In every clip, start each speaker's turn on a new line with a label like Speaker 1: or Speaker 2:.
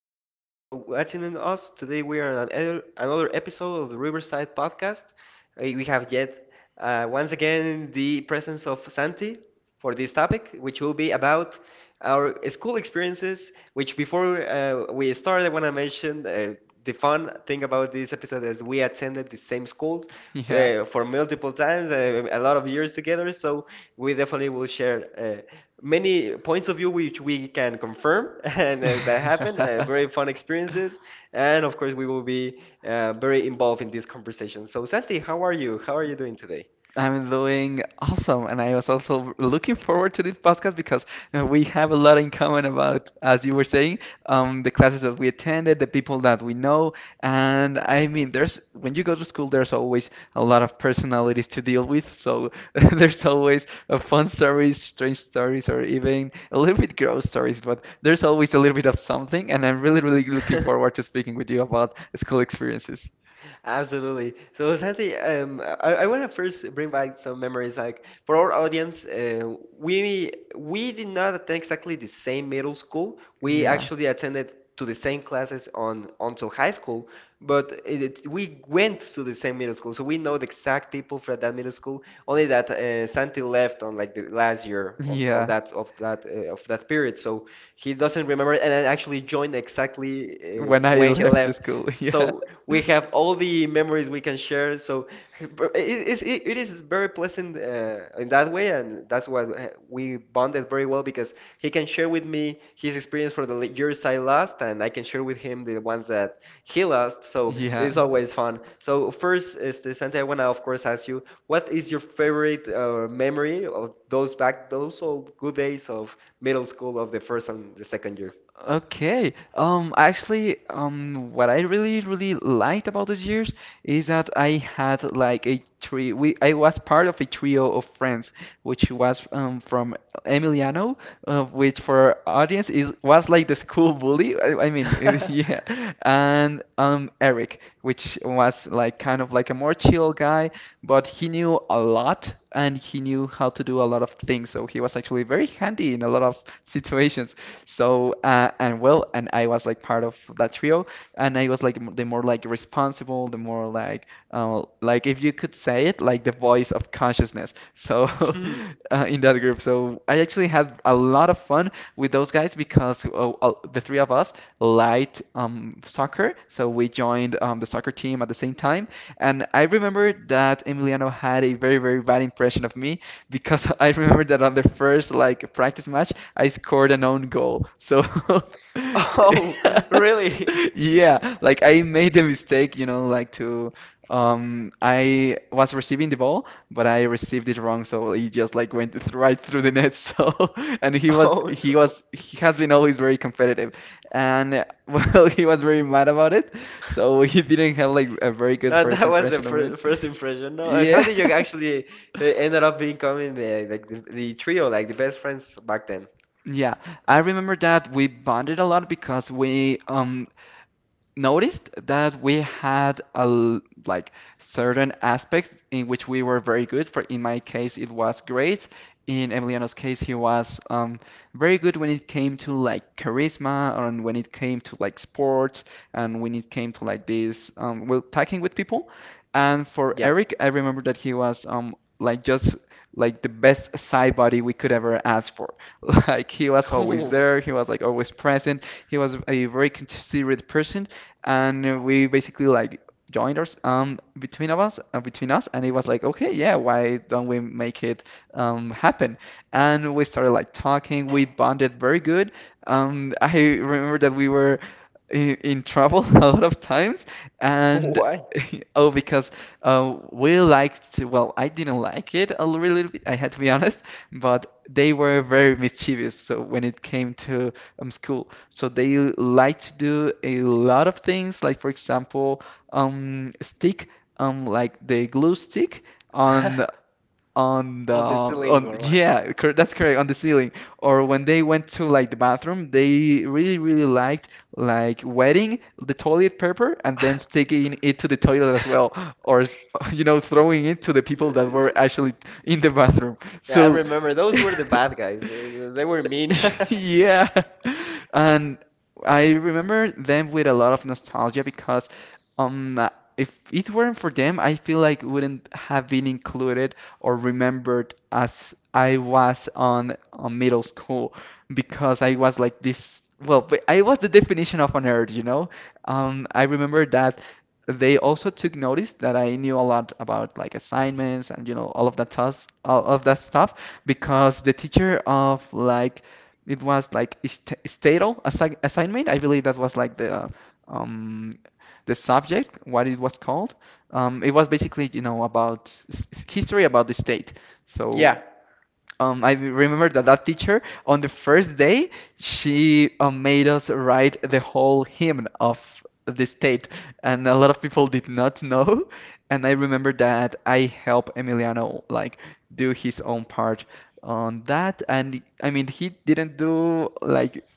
Speaker 1: much for watching us. Today we are on another episode of the Riverside Podcast. We have yet once again the presence of Santi for this topic, which will be about our school experiences. Which before we started, I want to mention the fun thing about this episode is we attended the same schools
Speaker 2: Yeah.
Speaker 1: for multiple times, a lot of years together. So we definitely will share uh, many points of view which we can confirm and that happened. Very fun experiences, and of course, we will be very involved in this conversation. So, Santi, how are you? How are you doing today?
Speaker 2: I'm doing awesome, and I was also looking forward to this podcast because we have a lot in common about, as you were saying, the classes that we attended, the people that we know, and I mean, there's when you go to school, there's always a lot of personalities to deal with, so there's always fun stories, strange stories, or even a little bit gross stories, but there's always a little bit of something, and I'm really, really looking forward to speaking with you about school experiences.
Speaker 1: Absolutely. So, Santi, I want to first bring back some memories. Like for our audience, we did not attend exactly the same middle school. We
Speaker 2: Yeah,
Speaker 1: actually attended to the same classes on until high school, but we went to the same middle school, so we know the exact people from that middle school. Only that Santi left on like the last year of, of
Speaker 2: yeah.
Speaker 1: that of that uh, of that period, so he doesn't remember, and I actually joined exactly
Speaker 2: When I
Speaker 1: when he
Speaker 2: left the
Speaker 1: left.
Speaker 2: school, yeah.
Speaker 1: So we have all the memories we can share. So it is very pleasant in that way, and that's why we bonded very well because he can share with me his experience for the years I lost, and I can share with him the ones that he lost. So it's
Speaker 2: Yeah.
Speaker 1: always fun. So first, este, Santi, I wanna of course ask you, what is your favorite memory of those back those old good days of middle school of the first and the second year?
Speaker 2: Okay. Actually, what I really, really liked about those years is that I had like a three. We I was part of a trio of friends, which was from Emiliano, which for our audience is was like the school bully. I mean, yeah, and Eric, which was like kind of like a more chill guy, but he knew a lot and he knew how to do a lot of things. So he was actually very handy in a lot of situations. So and well, and I was like part of that trio, and I was like the more like responsible, the more like if you could say it, like the voice of consciousness. So
Speaker 1: Hmm.
Speaker 2: in that group, so I actually had a lot of fun with those guys because the three of us liked soccer, so we joined the soccer team at the same time. And I remember that Emiliano had a very, very bad impression of me because I remember that on the first like practice match, I scored an own goal. So
Speaker 1: Oh, really?
Speaker 2: yeah, like I made a mistake, you know, like to I was receiving the ball, but I received it wrong, so he just like went right through the net. So and he was
Speaker 1: Oh
Speaker 2: he
Speaker 1: no.
Speaker 2: was he has been always very competitive. And well, he was very mad about it. So he didn't have like a very good first
Speaker 1: That was the
Speaker 2: impression of it.
Speaker 1: first impression. No, and how
Speaker 2: Yeah.
Speaker 1: did you actually ended up becoming the like the trio, like the best friends back then?
Speaker 2: Yeah, I remember that we bonded a lot because we noticed that we had a like certain aspects in which we were very good. For in my case, it was grades. In Emiliano's case, he was very good when it came to like charisma and when it came to like sports and when it came to like this well talking with people. And for
Speaker 1: Yeah.
Speaker 2: Eric, I remember that he was like just like the best side body we could ever ask for. Like he was always there, he was like always present. He was a very considerate person, and we basically like joined us between of us between us, and it was like okay, yeah, why don't we make it happen, and we started like talking, we bonded very good. Um, I remember that we were in trouble a lot of times and
Speaker 1: Why?
Speaker 2: oh, because we liked to, well, I didn't like it a little bit, I had to be honest, but they were very mischievous, so when it came to school, so they like to do a lot of things, like for example, stick like the glue stick on the,
Speaker 1: On the ceiling
Speaker 2: on,
Speaker 1: or what?
Speaker 2: yeah, cor that's correct, on the ceiling. Or when they went to like the bathroom, they really, really liked like wetting the toilet paper and then sticking it to the toilet as well, or you know throwing it to the people that were actually in the bathroom.
Speaker 1: Yeah, I
Speaker 2: So.
Speaker 1: remember those were the bad guys. They were mean.
Speaker 2: Yeah. And I remember them with a lot of nostalgia because um uh, if it weren't for them, I feel like wouldn't have been included or remembered as I was on, middle school because I was like this, well, but I was the definition of a nerd, you know? I remember that they also took notice that I knew a lot about like assignments and you know all of that tus all of that stuff because the teacher of like, it was like st statal assignment. I believe that was like um, the subject, what it was called. It was basically, you know, about history about the state. So
Speaker 1: Yeah,
Speaker 2: I remember that that teacher on the first day, she made us write the whole hymn of the state, and a lot of people did not know. And I remember that I helped Emiliano like do his own part on that, and I mean he didn't do like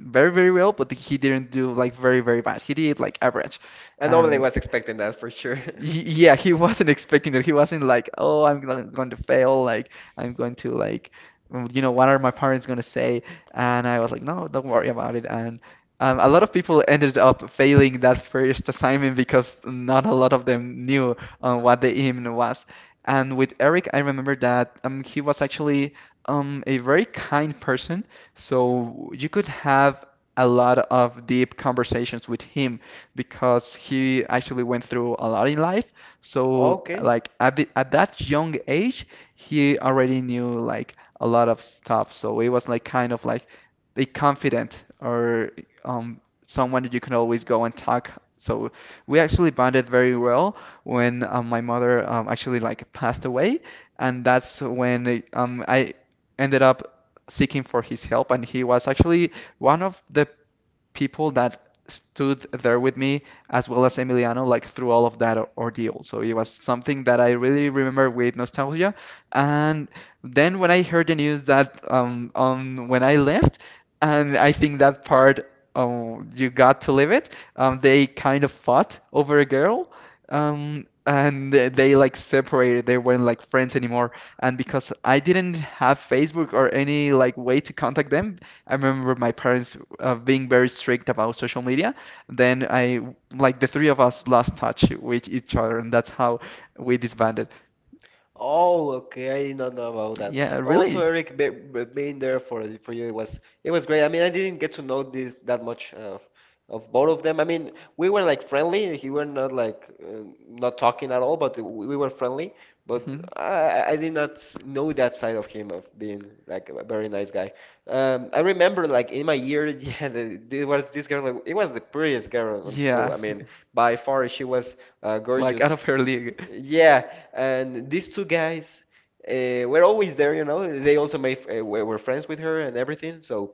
Speaker 2: very, very well, but he didn't do like very, very bad. He did like average,
Speaker 1: and nobody
Speaker 2: and
Speaker 1: was expecting that for sure.
Speaker 2: yeah, he wasn't expecting it. He wasn't like, "Oh, I'm going to fail. Like, I'm going to like, what are my parents gonna say?" And I was like, "No, don't worry about it." And a lot of people ended up failing that first assignment because not a lot of them knew what the hymn was. And with Eric, I remember that he was actually a very kind person, so you could have a lot of deep conversations with him because he actually went through a lot in life. So
Speaker 1: Okay.
Speaker 2: like at that young age, he already knew like a lot of stuff. So it was like kind of like a confident or um someone that you can always go and talk. So we actually bonded very well when my mother actually like passed away, and that's when I ended up seeking for his help, and he was actually one of the people that stood there with me, as well as Emiliano, like through all of that ordeal. So it was something that I really remember with nostalgia. And then when I heard the news that when I left, and I think that part you got to live it. They kind of fought over a girl. And they like separated. They weren't like friends anymore. And because I didn't have Facebook or any like way to contact them, I remember my parents being very strict about social media. Then I, like the three of us, lost touch with each other, and that's how we disbanded.
Speaker 1: Oh, okay. I did not know about that.
Speaker 2: Yeah,
Speaker 1: Also,
Speaker 2: really?
Speaker 1: Eric, being there for you, it was great. I mean, I didn't get to know this that much of both of them. I mean, we were like friendly. He were not like not talking at all, but we were friendly. But
Speaker 2: Mhm.
Speaker 1: I did not know that side of him of being like a very nice guy. I remember like in my year, yeah, there was this girl. It was the prettiest girl in school.
Speaker 2: Yeah,
Speaker 1: I mean, by far she was
Speaker 2: like out
Speaker 1: gorgeous.
Speaker 2: of her league.
Speaker 1: Yeah, and these two guys were always there, you know. They also made were friends with her and everything. So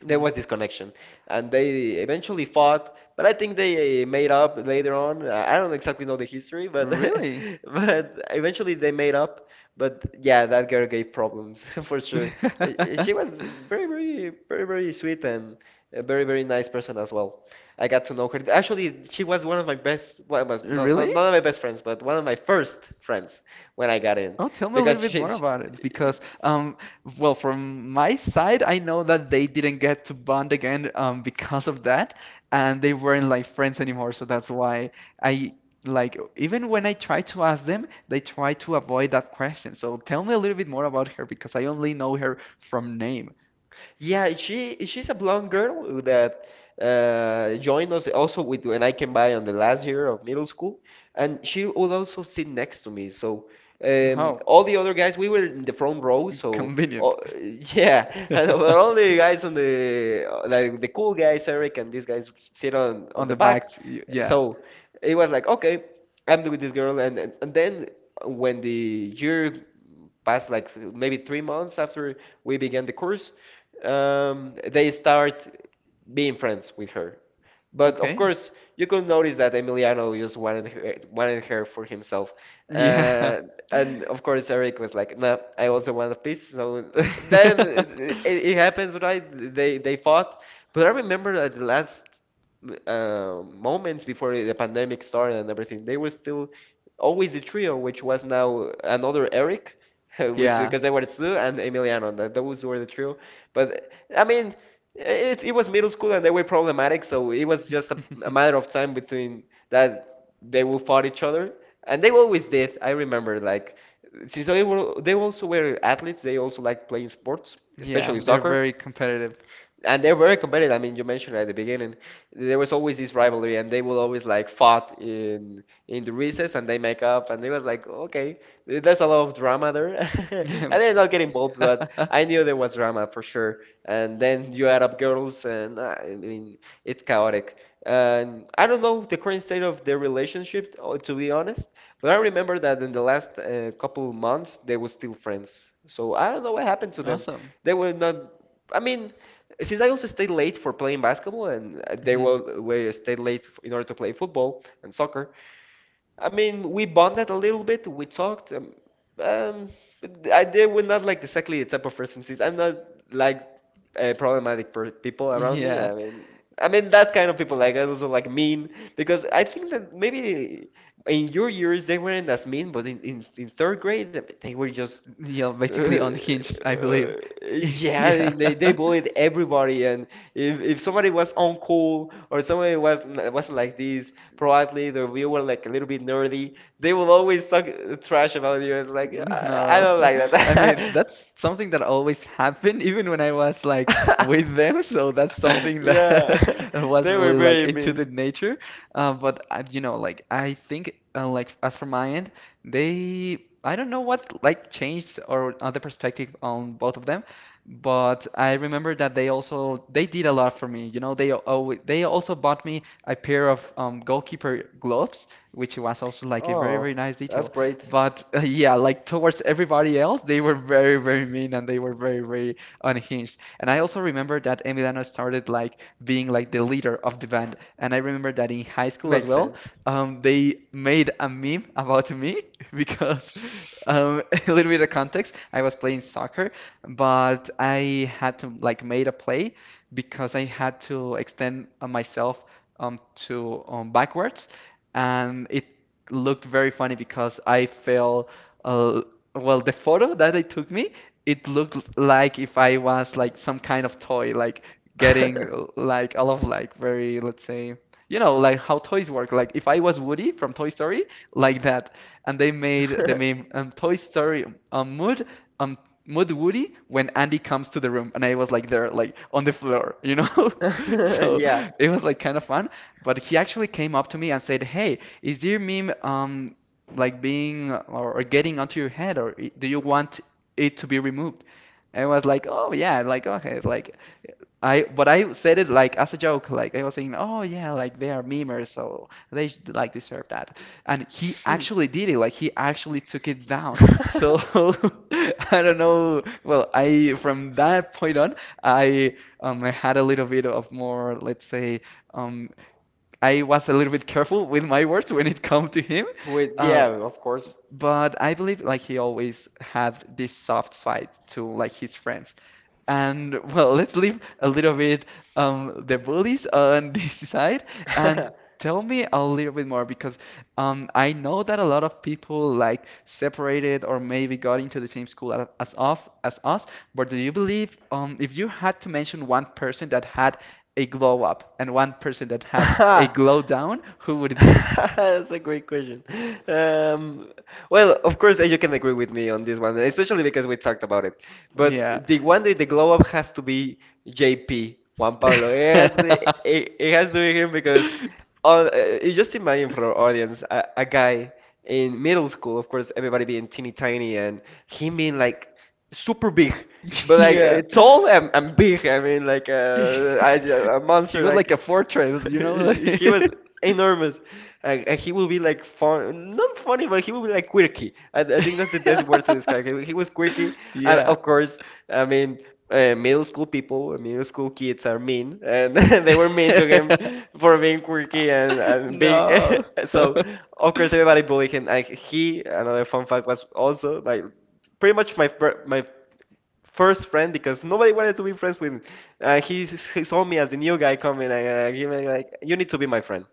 Speaker 1: there
Speaker 2: Mhm.
Speaker 1: was this connection and they eventually fought, but I think they made up later on. I don't exactly know the history, but
Speaker 2: Really?
Speaker 1: but eventually they made up. But yeah, that girl gave problems for sure. She was very very very very sweet and a very nice person as well. I got to know her, actually. She was one of my best, one of my, not, not,
Speaker 2: Really?
Speaker 1: not of my best friends but one of my first friends when I got in
Speaker 2: Oh, tell me a
Speaker 1: because
Speaker 2: little bit more
Speaker 1: she
Speaker 2: about it because, well, from my side, I know that they didn't get to bond again, because of that, and they weren't like friends anymore. So that's why I, like, even when I try to ask them, they try to avoid that question. So tell me a little bit more about her because I only know her from name.
Speaker 1: Yeah, she she's a blonde girl that joined us also with when I came by on the last year of middle school, and she would also sit next to me. So
Speaker 2: Oh,
Speaker 1: all the other guys, we were in the front row. So
Speaker 2: convenient.
Speaker 1: oh, yeah, and but all the guys on the like the cool guys, Eric and these guys sit on
Speaker 2: On
Speaker 1: the
Speaker 2: the back,
Speaker 1: back.
Speaker 2: yeah.
Speaker 1: So it was like okay, I'm with this girl, and then when the year past like maybe 3 months after we began the course, they start being friends with her. But of
Speaker 2: Okay.
Speaker 1: course, you could notice that Emiliano just wanted her for himself.
Speaker 2: Yeah.
Speaker 1: Uh, and of course, Eric was like, "No, I also want a piece." So then it happens, right? They fought. But I remember that the last moments before the pandemic started and everything, they were still always a trio, which was now another Eric, which
Speaker 2: Yeah.
Speaker 1: because they were Stu and Emiliano. That those were the trio. But I mean, it was middle school and they were problematic, so it was just a matter of time between that they will fight each other, and they always did. I remember like. Since they were, they also were athletes, they also liked playing sports,
Speaker 2: Yeah,
Speaker 1: especially
Speaker 2: they're
Speaker 1: soccer,
Speaker 2: very competitive.
Speaker 1: and they're very competitive. I mean, you mentioned at the beginning, there was always this rivalry, and they will always like fought in the recess, and they make up, and it was like, okay, there's a lot of drama there. I did not get involved, but I knew there was drama for sure. And then you add up girls, and I mean, it's chaotic. And I don't know the current state of their relationship, to be honest, but I remember that in the last couple months they were still friends. So I don't know what happened to them.
Speaker 2: Awesome.
Speaker 1: They were not. I mean, since I also stayed late for playing basketball, and they
Speaker 2: Mhm.
Speaker 1: will we stayed late in order to play football and soccer. I mean, we bonded a little bit. We talked. Um but I they were not like exactly the type of person. Since I'm not like problematic per people around me.
Speaker 2: Yeah.
Speaker 1: I mean. I mean that kind of people like I also like mean because I think that maybe in your years they weren't as mean, but in third grade they were just
Speaker 2: Yeah, basically unhinged, I believe.
Speaker 1: Uh, yeah, I
Speaker 2: Yeah.
Speaker 1: mean, they bullied everybody, and if somebody was uncool or somebody was wasn't like this, probably the you were like a little bit nerdy, they will always talk trash about you and like "Ah, I
Speaker 2: No,
Speaker 1: don't like
Speaker 2: I mean
Speaker 1: that."
Speaker 2: that's something that always happened even when I was like with them. So that's something that
Speaker 1: Yeah,
Speaker 2: was
Speaker 1: they were
Speaker 2: really like
Speaker 1: very
Speaker 2: into the
Speaker 1: mean.
Speaker 2: nature. But like I think like as for my end, they I don't know what like changed or other perspective on both of them. But I remember that they also they did a lot for me. You know, they also bought me a pair of goalkeeper gloves, which was also like a very,
Speaker 1: Oh,
Speaker 2: very nice
Speaker 1: that's
Speaker 2: detail.
Speaker 1: great.
Speaker 2: But yeah, like towards everybody else, they were very, very mean and they were very, very unhinged. And I also remember that Emiliano started like being like the leader of the band. And I remember that in high school as
Speaker 1: Makes
Speaker 2: well,
Speaker 1: sense.
Speaker 2: they made a meme about me because a little bit of context, I was playing soccer, but I had to like made a play because I had to extend myself to backwards, and it looked very funny because I felt, uh, well, the photo that they took me, it looked like if I was like some kind of toy, like getting like all of like very, let's say, you know, like how toys work. Like if I was Woody from Toy Story, like that. And they made the meme Toy Story mood um Woody when Andy comes to the room, and I was like there, like on the floor, you know. So
Speaker 1: Yeah.
Speaker 2: it was like kind of fun. But he actually came up to me and said, "Hey. Is your meme like being or, getting onto your head, or do you want it to be removed?" I was like, oh yeah, like okay, like I but I said it like as a joke, like I was saying, oh yeah, like they are memers, so they should, like deserve that. And he
Speaker 1: Hmm.
Speaker 2: actually did it, like he actually took it down. So I don't know. Well, I from that point on, I I had a little bit of more, let's say, um I was a little bit careful with my words when it come to him.
Speaker 1: With
Speaker 2: Uh,
Speaker 1: yeah, of course.
Speaker 2: but I believe like he always had this soft side to like his friends. And well, let's leave a little bit the bullies on this side and tell me a little bit more because I know that a lot of people like separated or maybe got into the same school as off as us. But do you believe if you had to mention one person that had a glow up and one person that had a glow down, who would it be?
Speaker 1: That's a great question. Um, well, of course, you can agree with me on this one, especially because we talked about it.
Speaker 2: Yeah.
Speaker 1: But the one that the glow up has to be JP, Juan Pablo. It has, it, it it has to be him because all, you just imagine for our audience a guy in middle school, of course, everybody being teeny tiny, and him being like super big. But like
Speaker 2: Yeah.
Speaker 1: tall and big. I mean like a
Speaker 2: He
Speaker 1: monster
Speaker 2: was like a
Speaker 1: like
Speaker 2: fortress, you know?
Speaker 1: he was enormous, and he will be like fun, not funny, but he will be like quirky. And I think that's the best word to describe him. He was quirky, and
Speaker 2: Yeah.
Speaker 1: of course, I mean, middle school people, middle school kids are mean, and they were mean to him for being quirky and big.
Speaker 2: No.
Speaker 1: So of course, everybody bullied him. Like he, another fun fact was also like pretty much my my first friend because nobody wanted to be friends with me. He saw me as the new guy coming, and he was like, "You need to be my friend."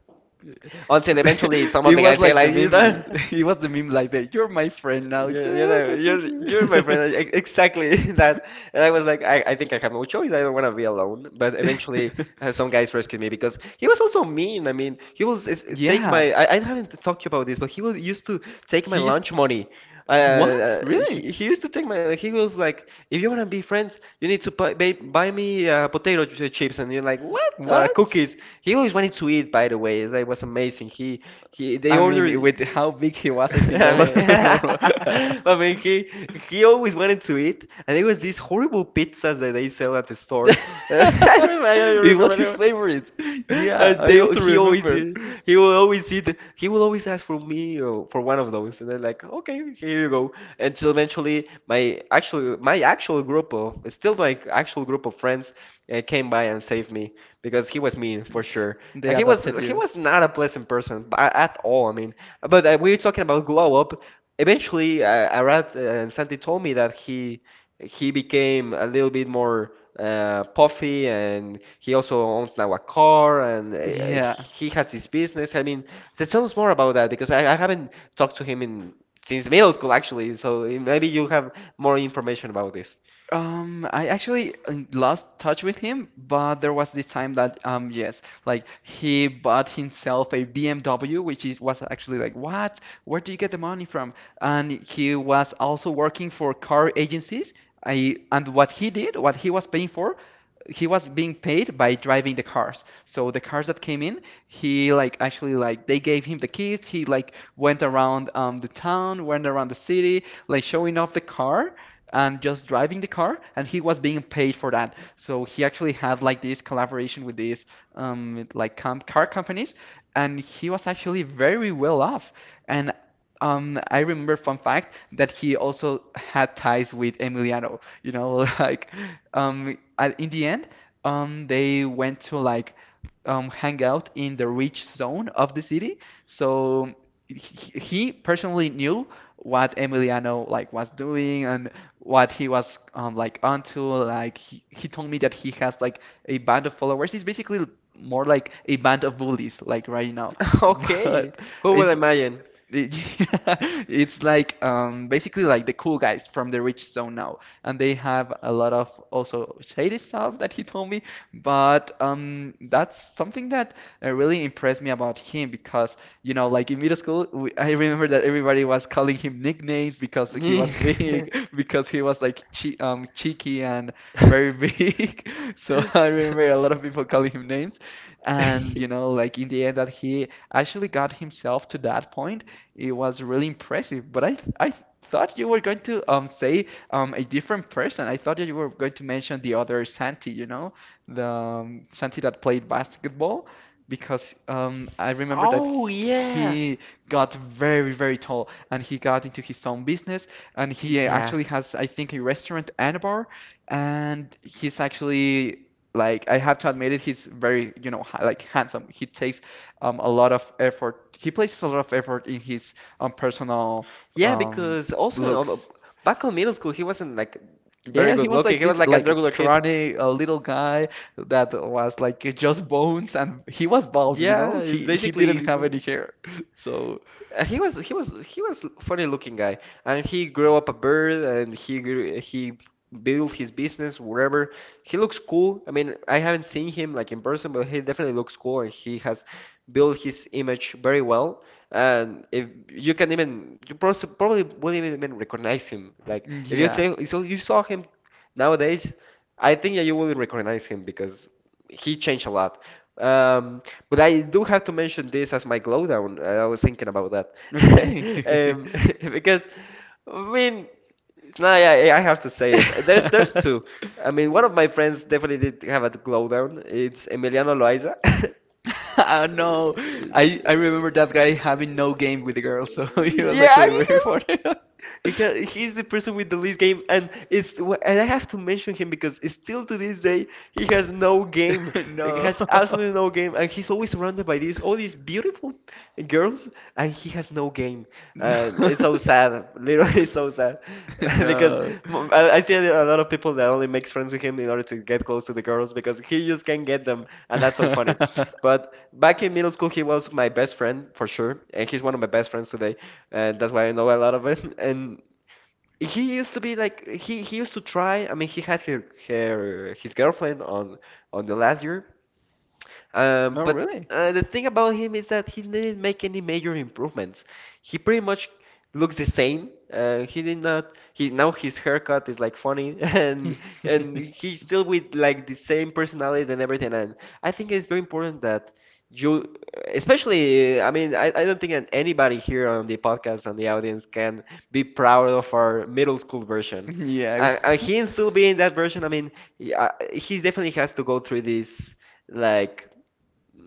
Speaker 1: Until eventually, some of
Speaker 2: It
Speaker 1: the
Speaker 2: was
Speaker 1: guys said
Speaker 2: like the
Speaker 1: like,
Speaker 2: meme. It was the meme like that. You're my friend now.
Speaker 1: You're, you know, you're my friend. Exactly that. And I was like, I think I have no choice. I don't want to be alone. But eventually, some guys rescued me because he was also mean. I mean, he was is- take
Speaker 2: Yeah.
Speaker 1: my. I haven't talked to you about this, but he was used to take my
Speaker 2: He's.
Speaker 1: lunch money.
Speaker 2: What? Really?
Speaker 1: He used to take my. He was like, if you want to be friends, you need to buy me potato chips. And you're like, what?
Speaker 2: What?
Speaker 1: Cookies. He always wanted to eat. By the way, that was amazing. He he. They
Speaker 2: I mean,
Speaker 1: ordered.
Speaker 2: with how big he was, I think
Speaker 1: I
Speaker 2: that was
Speaker 1: mean,
Speaker 2: normal.
Speaker 1: I mean, he always wanted to eat, and it was these horrible pizzas that they sell at the store. I remember, I
Speaker 2: It was
Speaker 1: remember
Speaker 2: his
Speaker 1: that.
Speaker 2: favorite. Yeah, I
Speaker 1: They
Speaker 2: also
Speaker 1: he always
Speaker 2: remember.
Speaker 1: He will always ask for me or for one of those, and then like, okay, here you go. Until eventually, my actual group of still my actual group of friends came by and saved me because he was mean for sure.
Speaker 2: They
Speaker 1: Like, he was
Speaker 2: adopted
Speaker 1: he
Speaker 2: you.
Speaker 1: was not a pleasant person at all. I mean, but we were talking about glow up. Eventually, Arad and Santi told me that he became a little bit more puffy, and he also owns now a car, and
Speaker 2: Yeah.
Speaker 1: he has his business. I mean, so tell us more about that because I haven't talked to him in, since middle school actually. So maybe you have more information about this.
Speaker 2: I actually lost touch with him, but there was this time that yes, like he bought himself a BMW, which is was actually like what? Where do you get the money from? And he was also working for car agencies. I and what he did, what he was paying for, he was being paid by driving the cars. So the cars that came in, he like actually like they gave him the keys. He like went around the town, went around the city, like showing off the car and just driving the car, and he was being paid for that. So he actually had like this collaboration with these like com car companies, and he was actually very well off. And I remember fun fact that he also had ties with Emiliano. You know, like in the end, they went to like hang out in the rich zone of the city. So he personally knew what Emiliano like was doing and what he was like onto. Like he told me that he has like a band of followers. He's basically more like a band of bullies, like right now.
Speaker 1: Okay,
Speaker 2: But
Speaker 1: who will
Speaker 2: it's
Speaker 1: imagine?
Speaker 2: It's like basically like the cool guys from the rich zone now, and they have a lot of also shady stuff that he told me. But that's something that really impressed me about him because you know, like in middle school, I remember that everybody was calling him nicknames because he was big, because he was like cheeky and very big. So I remember a lot of people calling him names, and you know, like in the end, that he actually got himself to that point it was really impressive. But I thought you were going to say a different person. I thought that you were going to mention the other Santi, you know, the Santi that played basketball, because I remember that
Speaker 1: Oh yeah,
Speaker 2: he got very very tall and he got into his own business and he
Speaker 1: yeah.
Speaker 2: actually has I think a restaurant and a bar and he's actually like I have to admit it, he's very, you know, like handsome. He takes a lot of effort. He places a lot of effort in his personal
Speaker 1: Yeah,
Speaker 2: um,
Speaker 1: because also
Speaker 2: looks.
Speaker 1: back in middle school, he wasn't like very
Speaker 2: Yeah, he
Speaker 1: good
Speaker 2: was
Speaker 1: looking.
Speaker 2: like
Speaker 1: He was
Speaker 2: this,
Speaker 1: like a
Speaker 2: like
Speaker 1: regular kid.
Speaker 2: scrawny, a little guy that was like just bones, and he was bald, you know?
Speaker 1: Yeah,
Speaker 2: He didn't
Speaker 1: basically,
Speaker 2: have
Speaker 1: no.
Speaker 2: any hair. So,
Speaker 1: He was he was he was funny looking guy, and he grew up a bird, and he built his business wherever. He looks cool. I mean, I haven't seen him like in person, but he definitely looks cool, and he has built his image very well. And if you can, even you probably wouldn't even recognize him. Like, if you
Speaker 2: yeah.
Speaker 1: say, so you saw him nowadays, I think that you wouldn't recognize him because he changed a lot. Um, but I do have to mention this as my glow down. I was thinking about that.
Speaker 2: Okay.
Speaker 1: Um, because I mean, no, I have to say it. There's two. I mean, one of my friends definitely did have a glow down. It's Emiliano Loaiza.
Speaker 2: No, I remember that guy having no game with the girls, so he was
Speaker 1: Yeah, I
Speaker 2: actually very
Speaker 1: guess
Speaker 2: funny.
Speaker 1: because he's the person with the least game, and it's, and I have to mention him because still to this day he has no game. He
Speaker 2: No.
Speaker 1: has absolutely no game, and he's always surrounded by these, all these beautiful girls, and he has no game,
Speaker 2: No.
Speaker 1: and it's so sad, literally. It's so sad because
Speaker 2: No.
Speaker 1: I see a lot of people that only makes friends with him in order to get close to the girls because he just can't get them, and that's so funny. But back in middle school, he was my best friend for sure, and he's one of my best friends today, and that's why I know a lot of it. And he used to be like, he used to try. I mean, he had her, her his girlfriend on the last year. Um,
Speaker 2: Oh,
Speaker 1: but
Speaker 2: really?
Speaker 1: uh, the thing about him is that he didn't make any major improvements. He pretty much looks the same. He did not. He now his haircut is like funny, and he's still with like the same personality and everything. And I think it's very important that you, especially, I don't think that anybody here on the podcast, on the audience, can be proud of our middle school version.
Speaker 2: Yeah.
Speaker 1: He can
Speaker 2: I-
Speaker 1: still be in that version, I mean, yeah, he definitely has to go through this, like,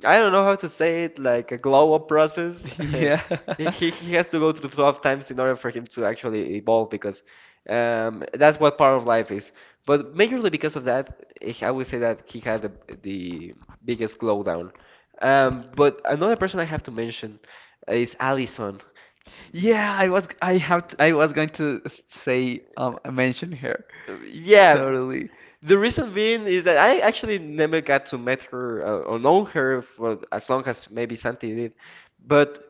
Speaker 1: I don't know how to say it, like a glow up process.
Speaker 2: Yeah.
Speaker 1: He, he, he has to go through 12 times in order for him to actually evolve because that's what part of life is. But majorly because of that, eh, I would say that he had the biggest glow down. But another person I have to mention is Allison.
Speaker 2: Yeah, I was going to say I mentioned her.
Speaker 1: Yeah,
Speaker 2: Totally.
Speaker 1: the reason being is that I actually never got to meet her or know her for as long as maybe Santi did, but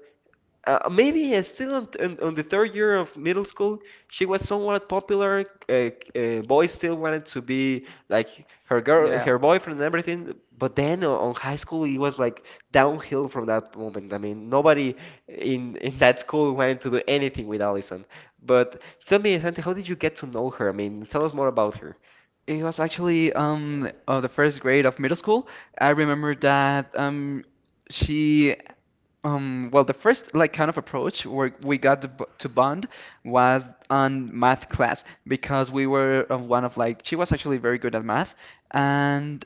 Speaker 1: maybe still on, on the third year of middle school, she was somewhat popular. Boys still wanted to be like her girl,
Speaker 2: Yeah.
Speaker 1: her boyfriend, and everything. But then on high school, it was like downhill from that moment. I mean, nobody in that school wanted to do anything with Allison. But tell me, Santi, how did you get to know her? I mean, tell us more about her.
Speaker 2: It was actually the first grade of middle school. I remember that she well, the first like kind of approach where we got to, to bond was on math class because we were of one of like she was actually very good at math and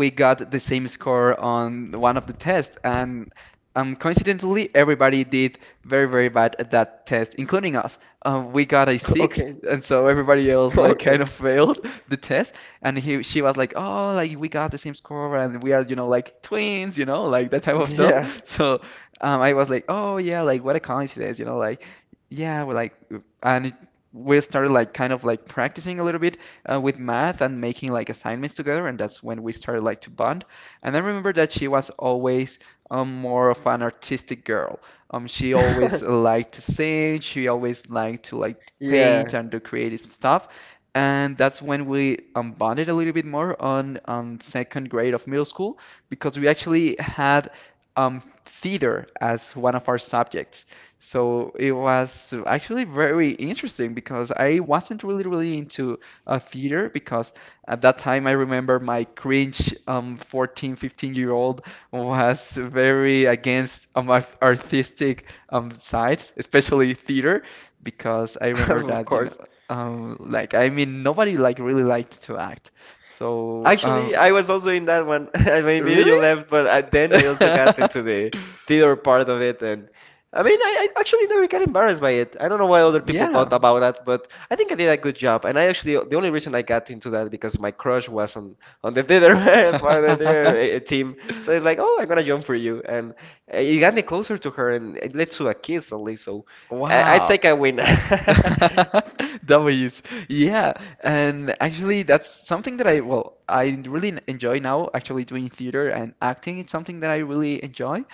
Speaker 2: we got the same score on one of the tests and coincidentally everybody did very very bad at that test including us. We got a six
Speaker 1: Okay.
Speaker 2: and so everybody else like kind
Speaker 1: Okay.
Speaker 2: of failed the test and he she was like oh like we got the same score and we are you know like twins you know like that type of stuff
Speaker 1: Yeah.
Speaker 2: so. I was like, oh yeah, like what a coincidence, you know, like yeah, well, like and it, we started like kind of like practicing a little bit with math and making like assignments together, and that's when we started like to bond. And I remember that she was always more of an artistic girl. She always liked to sing, she always liked to like paint
Speaker 1: Yeah.
Speaker 2: and do creative stuff. And that's when we bonded a little bit more on second grade of middle school because we actually had theater as one of our subjects. So it was actually very interesting because I wasn't really, really into theater because at that time I remember my cringe 14, 15-year old was very against artistic sides, especially theater, because I remember
Speaker 1: Of
Speaker 2: that, you know,
Speaker 1: course.
Speaker 2: like, I mean, nobody like really liked to act. So,
Speaker 1: Actually, I was also in that one. I mean, maybe
Speaker 2: really?
Speaker 1: you left, but I, then I also got into the theater part of it, and I mean, I actually never got embarrassed by it. I don't know why other people
Speaker 2: Yeah.
Speaker 1: thought about that, but I think I did a good job. And I actually, the only reason I got into that because my crush was on the theater part of the theater team. So it's like, oh, I'm gonna jump for you, and eh, it got me closer to her, and it led to a kiss at least. So I
Speaker 2: Wow.
Speaker 1: take a win.
Speaker 2: W's. Yeah, and actually that's something that I well, I really enjoy now actually doing theater and acting. It's something that I really enjoy.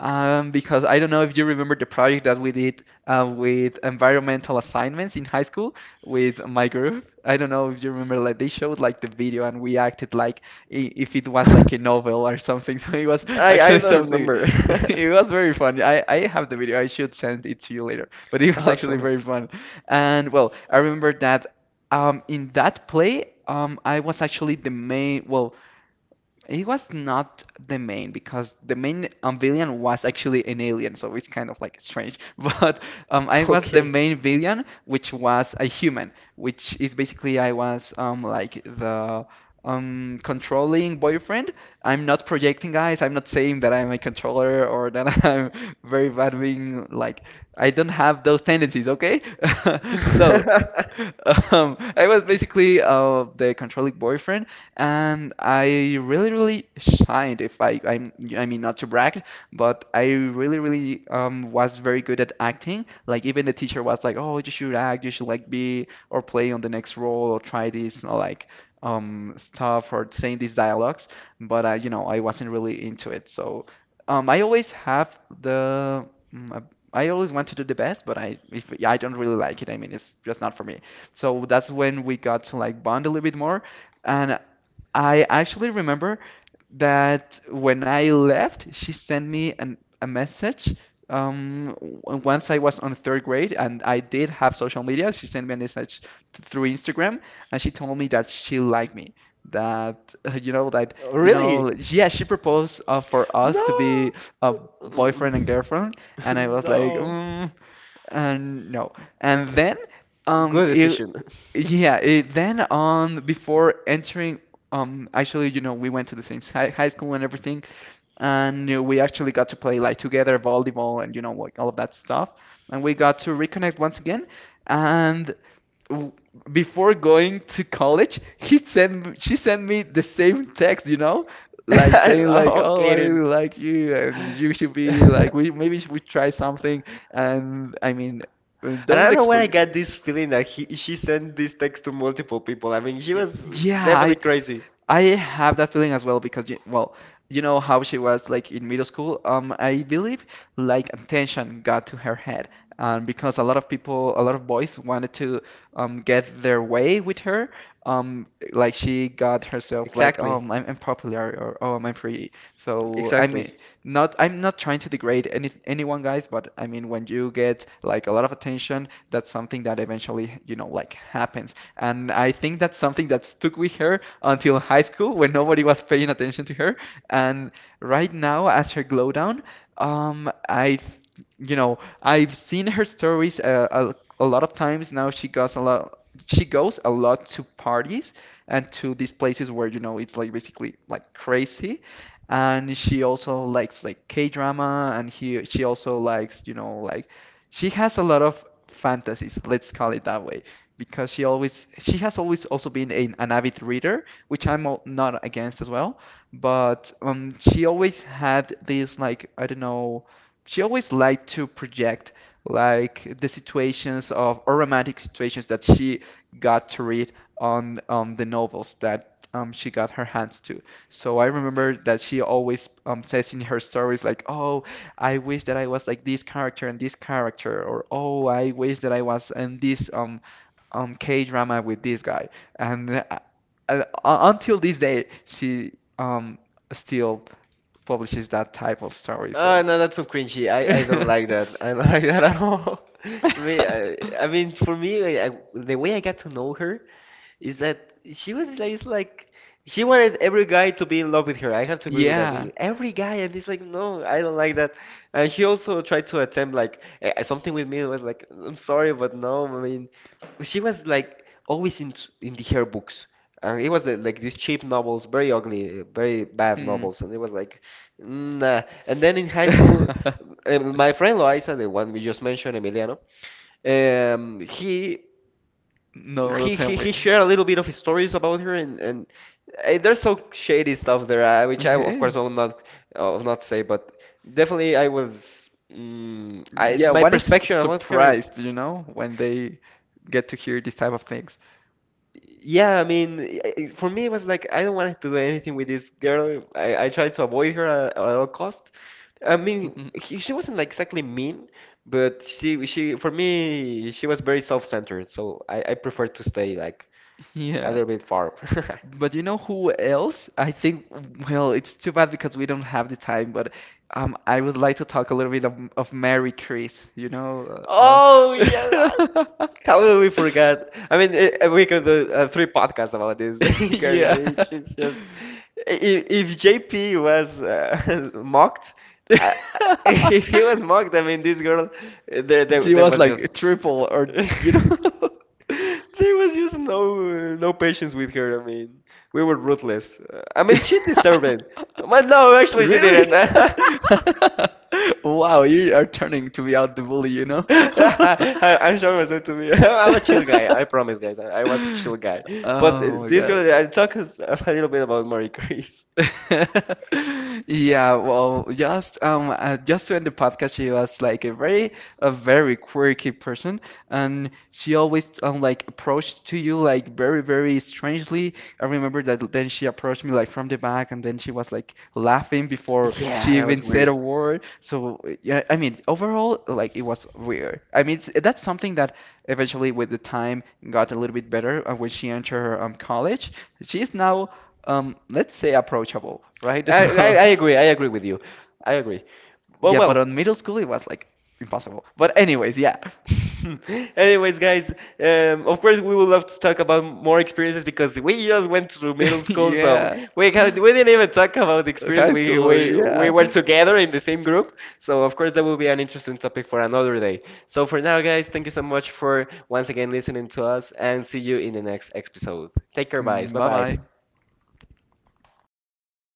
Speaker 2: Because I don't know if you remember the project that we did with environmental assignments in high school with my group. I don't know if you remember, like they showed like the video and we acted like if it was like a novel or something. So it was
Speaker 1: I
Speaker 2: actually
Speaker 1: don't
Speaker 2: something.
Speaker 1: remember.
Speaker 2: It was very fun. I have the video. I should send it to you later but it was actually
Speaker 1: Awesome.
Speaker 2: very fun. And well, I remember that in that play, I was actually the main, well, it was not the main because the main villain was actually an alien, so it's kind of like strange. But I was the
Speaker 1: Okay.
Speaker 2: main villain, which was a human, which is basically I was like the controlling boyfriend. I'm not projecting, guys. I'm not saying that I'm a controller or that I'm very bad being like I don't have those tendencies, okay? So. I was basically the controlling boyfriend, and I really, really shined. If I, I'm, I mean, not to brag, but I really, really was very good at acting. Like even the teacher was like, "Oh, you should act. You should like be or play on the next role or try this or like stuff or saying these dialogues." But I, you know, I wasn't really into it. So I always have the. mm, uh, I always want to do the best, but I if I don't really like it. I mean, it's just not for me. So that's when we got to like bond a little bit more. And I actually remember that when I left, she sent me an, a message. Once I was on third grade and I did have social media, she sent me a message through Instagram and she told me that she liked me. That, you know, that, you know,
Speaker 1: Really?
Speaker 2: yeah, she proposed for us to be
Speaker 1: No.
Speaker 2: a boyfriend and
Speaker 1: Mm.
Speaker 2: girlfriend. And I was like,
Speaker 1: No.
Speaker 2: mm, and no. And then, um,
Speaker 1: Good
Speaker 2: it,
Speaker 1: decision.
Speaker 2: yeah, eh, then on before entering actually you know we went to the same high school and everything and we actually got to play like together volleyball and you know like all of that stuff and we got to reconnect once again and w- before going to college she sent me the same text you know like saying like
Speaker 1: No,
Speaker 2: oh I
Speaker 1: kidding.
Speaker 2: really like you and you should be like we maybe we try something and I mean
Speaker 1: And I
Speaker 2: don't
Speaker 1: don't know where
Speaker 2: expect
Speaker 1: I got this feeling that she sent this text to multiple people. I mean, she was
Speaker 2: Yeah,
Speaker 1: definitely crazy.
Speaker 2: I have that feeling as well because, you, well, you know how she was like in middle school. I believe like attention got to her head, because a lot of people, a lot of boys wanted to get their way with her. Like she got herself like,
Speaker 1: Exactly.
Speaker 2: I'm popular or oh, I'm pretty. So I
Speaker 1: Exactly.
Speaker 2: mean, not I'm not trying to degrade anyone, guys, but I mean when you get like a lot of attention, that's something that eventually you know like happens. And I think that's something that stuck with her until high school when nobody was paying attention to her. And right now, as her glow down, um, I, th- you know, I've seen her stories a lot of times now. She goes a lot. She goes a lot to parties and to these places where, you know, it's like basically like crazy. And she also likes like K-drama and she also likes, you know, like she has a lot of fantasies, let's call it that way because she has always also been an avid reader, which not against as well. But she always had these like I don't know, she always liked to project like the situations of or romantic situations that she got to read on the novels that she got her hands to. So I remember that she always says in her stories like, "Oh, I wish that I was like this character and this character," or "Oh, I wish that I was in this K drama with this guy, and until this day she um still publishes that type of story.
Speaker 1: Oh,
Speaker 2: So
Speaker 1: no, that's so cringy. I don't like that. I don't like that at all. Me, I mean, for me, the way I got to know her is that she was like, it's like she wanted every guy to be in love with her. I have to agree with that.
Speaker 2: yeah,
Speaker 1: Every guy, and it's like, no, I don't like that. And she also tried to attempt like something with me. It was like, I'm sorry, but no. I mean, she was like always in the her books. And it was the, like these cheap novels, very ugly, very bad
Speaker 2: hmm.
Speaker 1: novels, and it was like, nah. And then in high school, my friend Loaiza, the one we just mentioned, Emiliano, um, he
Speaker 2: No, don't tell me.
Speaker 1: he shared a little bit of his stories about her, and eh, there's some shady stuff there uh, which I of course
Speaker 2: Okay.
Speaker 1: will not uh, will not say, but definitely I was mm, I,
Speaker 2: Yeah,
Speaker 1: my
Speaker 2: one is
Speaker 1: perspective about her,
Speaker 2: surprised, you know, when they get to hear these type of things.
Speaker 1: yeah. I mean, for me, it was like, I don't want to do anything with this girl. I tried to avoid her at all cost. I mean, she wasn't like exactly mean, but she, for me, she was very self-centered, so I prefer to stay like a
Speaker 2: Yeah.
Speaker 1: little bit far.
Speaker 2: But you know who else? I think, well, it's too bad because we don't have the time, but I would like to talk a little bit of Mary Chris, you know?
Speaker 1: Oh yeah,
Speaker 2: Uh,
Speaker 1: how will we forget? I mean, we could do three podcasts about this. Karen, I
Speaker 2: yeah.
Speaker 1: mean, she's just if JP was mocked, I, if he was mocked, I mean, this girl, eh,
Speaker 2: She
Speaker 1: there
Speaker 2: was
Speaker 1: was just
Speaker 2: like triple or,
Speaker 1: there
Speaker 2: you know?
Speaker 1: was just no no patience with her. I mean, we were ruthless. I mean, she deserved it. But no, actually, she didn't.
Speaker 2: Really? Wow, you are turning to be out the bully, you know?
Speaker 1: I'm sure it was meant to be. I'm a chill guy. I promise, guys. I was a chill guy. But
Speaker 2: Oh my
Speaker 1: this
Speaker 2: God.
Speaker 1: girl, I talk us a little bit about Marie Curie.
Speaker 2: Yeah, well, just to end the podcast, she was like a very quirky person, and she always like approached to you like very, very strangely. I remember that then she approached me like from the back, and then she was like laughing before she
Speaker 1: Yeah, that
Speaker 2: even
Speaker 1: was
Speaker 2: said a
Speaker 1: weird.
Speaker 2: word. So yeah, I mean, overall, like it was weird. I mean, that's something that eventually with the time got a little bit better when she entered her college. She is now let's say approachable, right?
Speaker 1: I, I,
Speaker 2: So,
Speaker 1: I agree. I agree with you. I agree. But
Speaker 2: yeah, but on
Speaker 1: well,
Speaker 2: middle school it was like impossible. But anyways, yeah,
Speaker 1: anyways, guys, of course we would love to talk about more experiences because we just went through middle school, so
Speaker 2: yeah,
Speaker 1: we had, we didn't even talk about the experience.
Speaker 2: high
Speaker 1: We
Speaker 2: schooler,
Speaker 1: we we
Speaker 2: yeah.
Speaker 1: were together in the same group, so of course that will be an interesting topic for another day. So for now, guys, thank you so much for once again listening to us, and see you in the next episode. Take care, guys. Bye
Speaker 2: Bye
Speaker 1: bye.
Speaker 2: bye.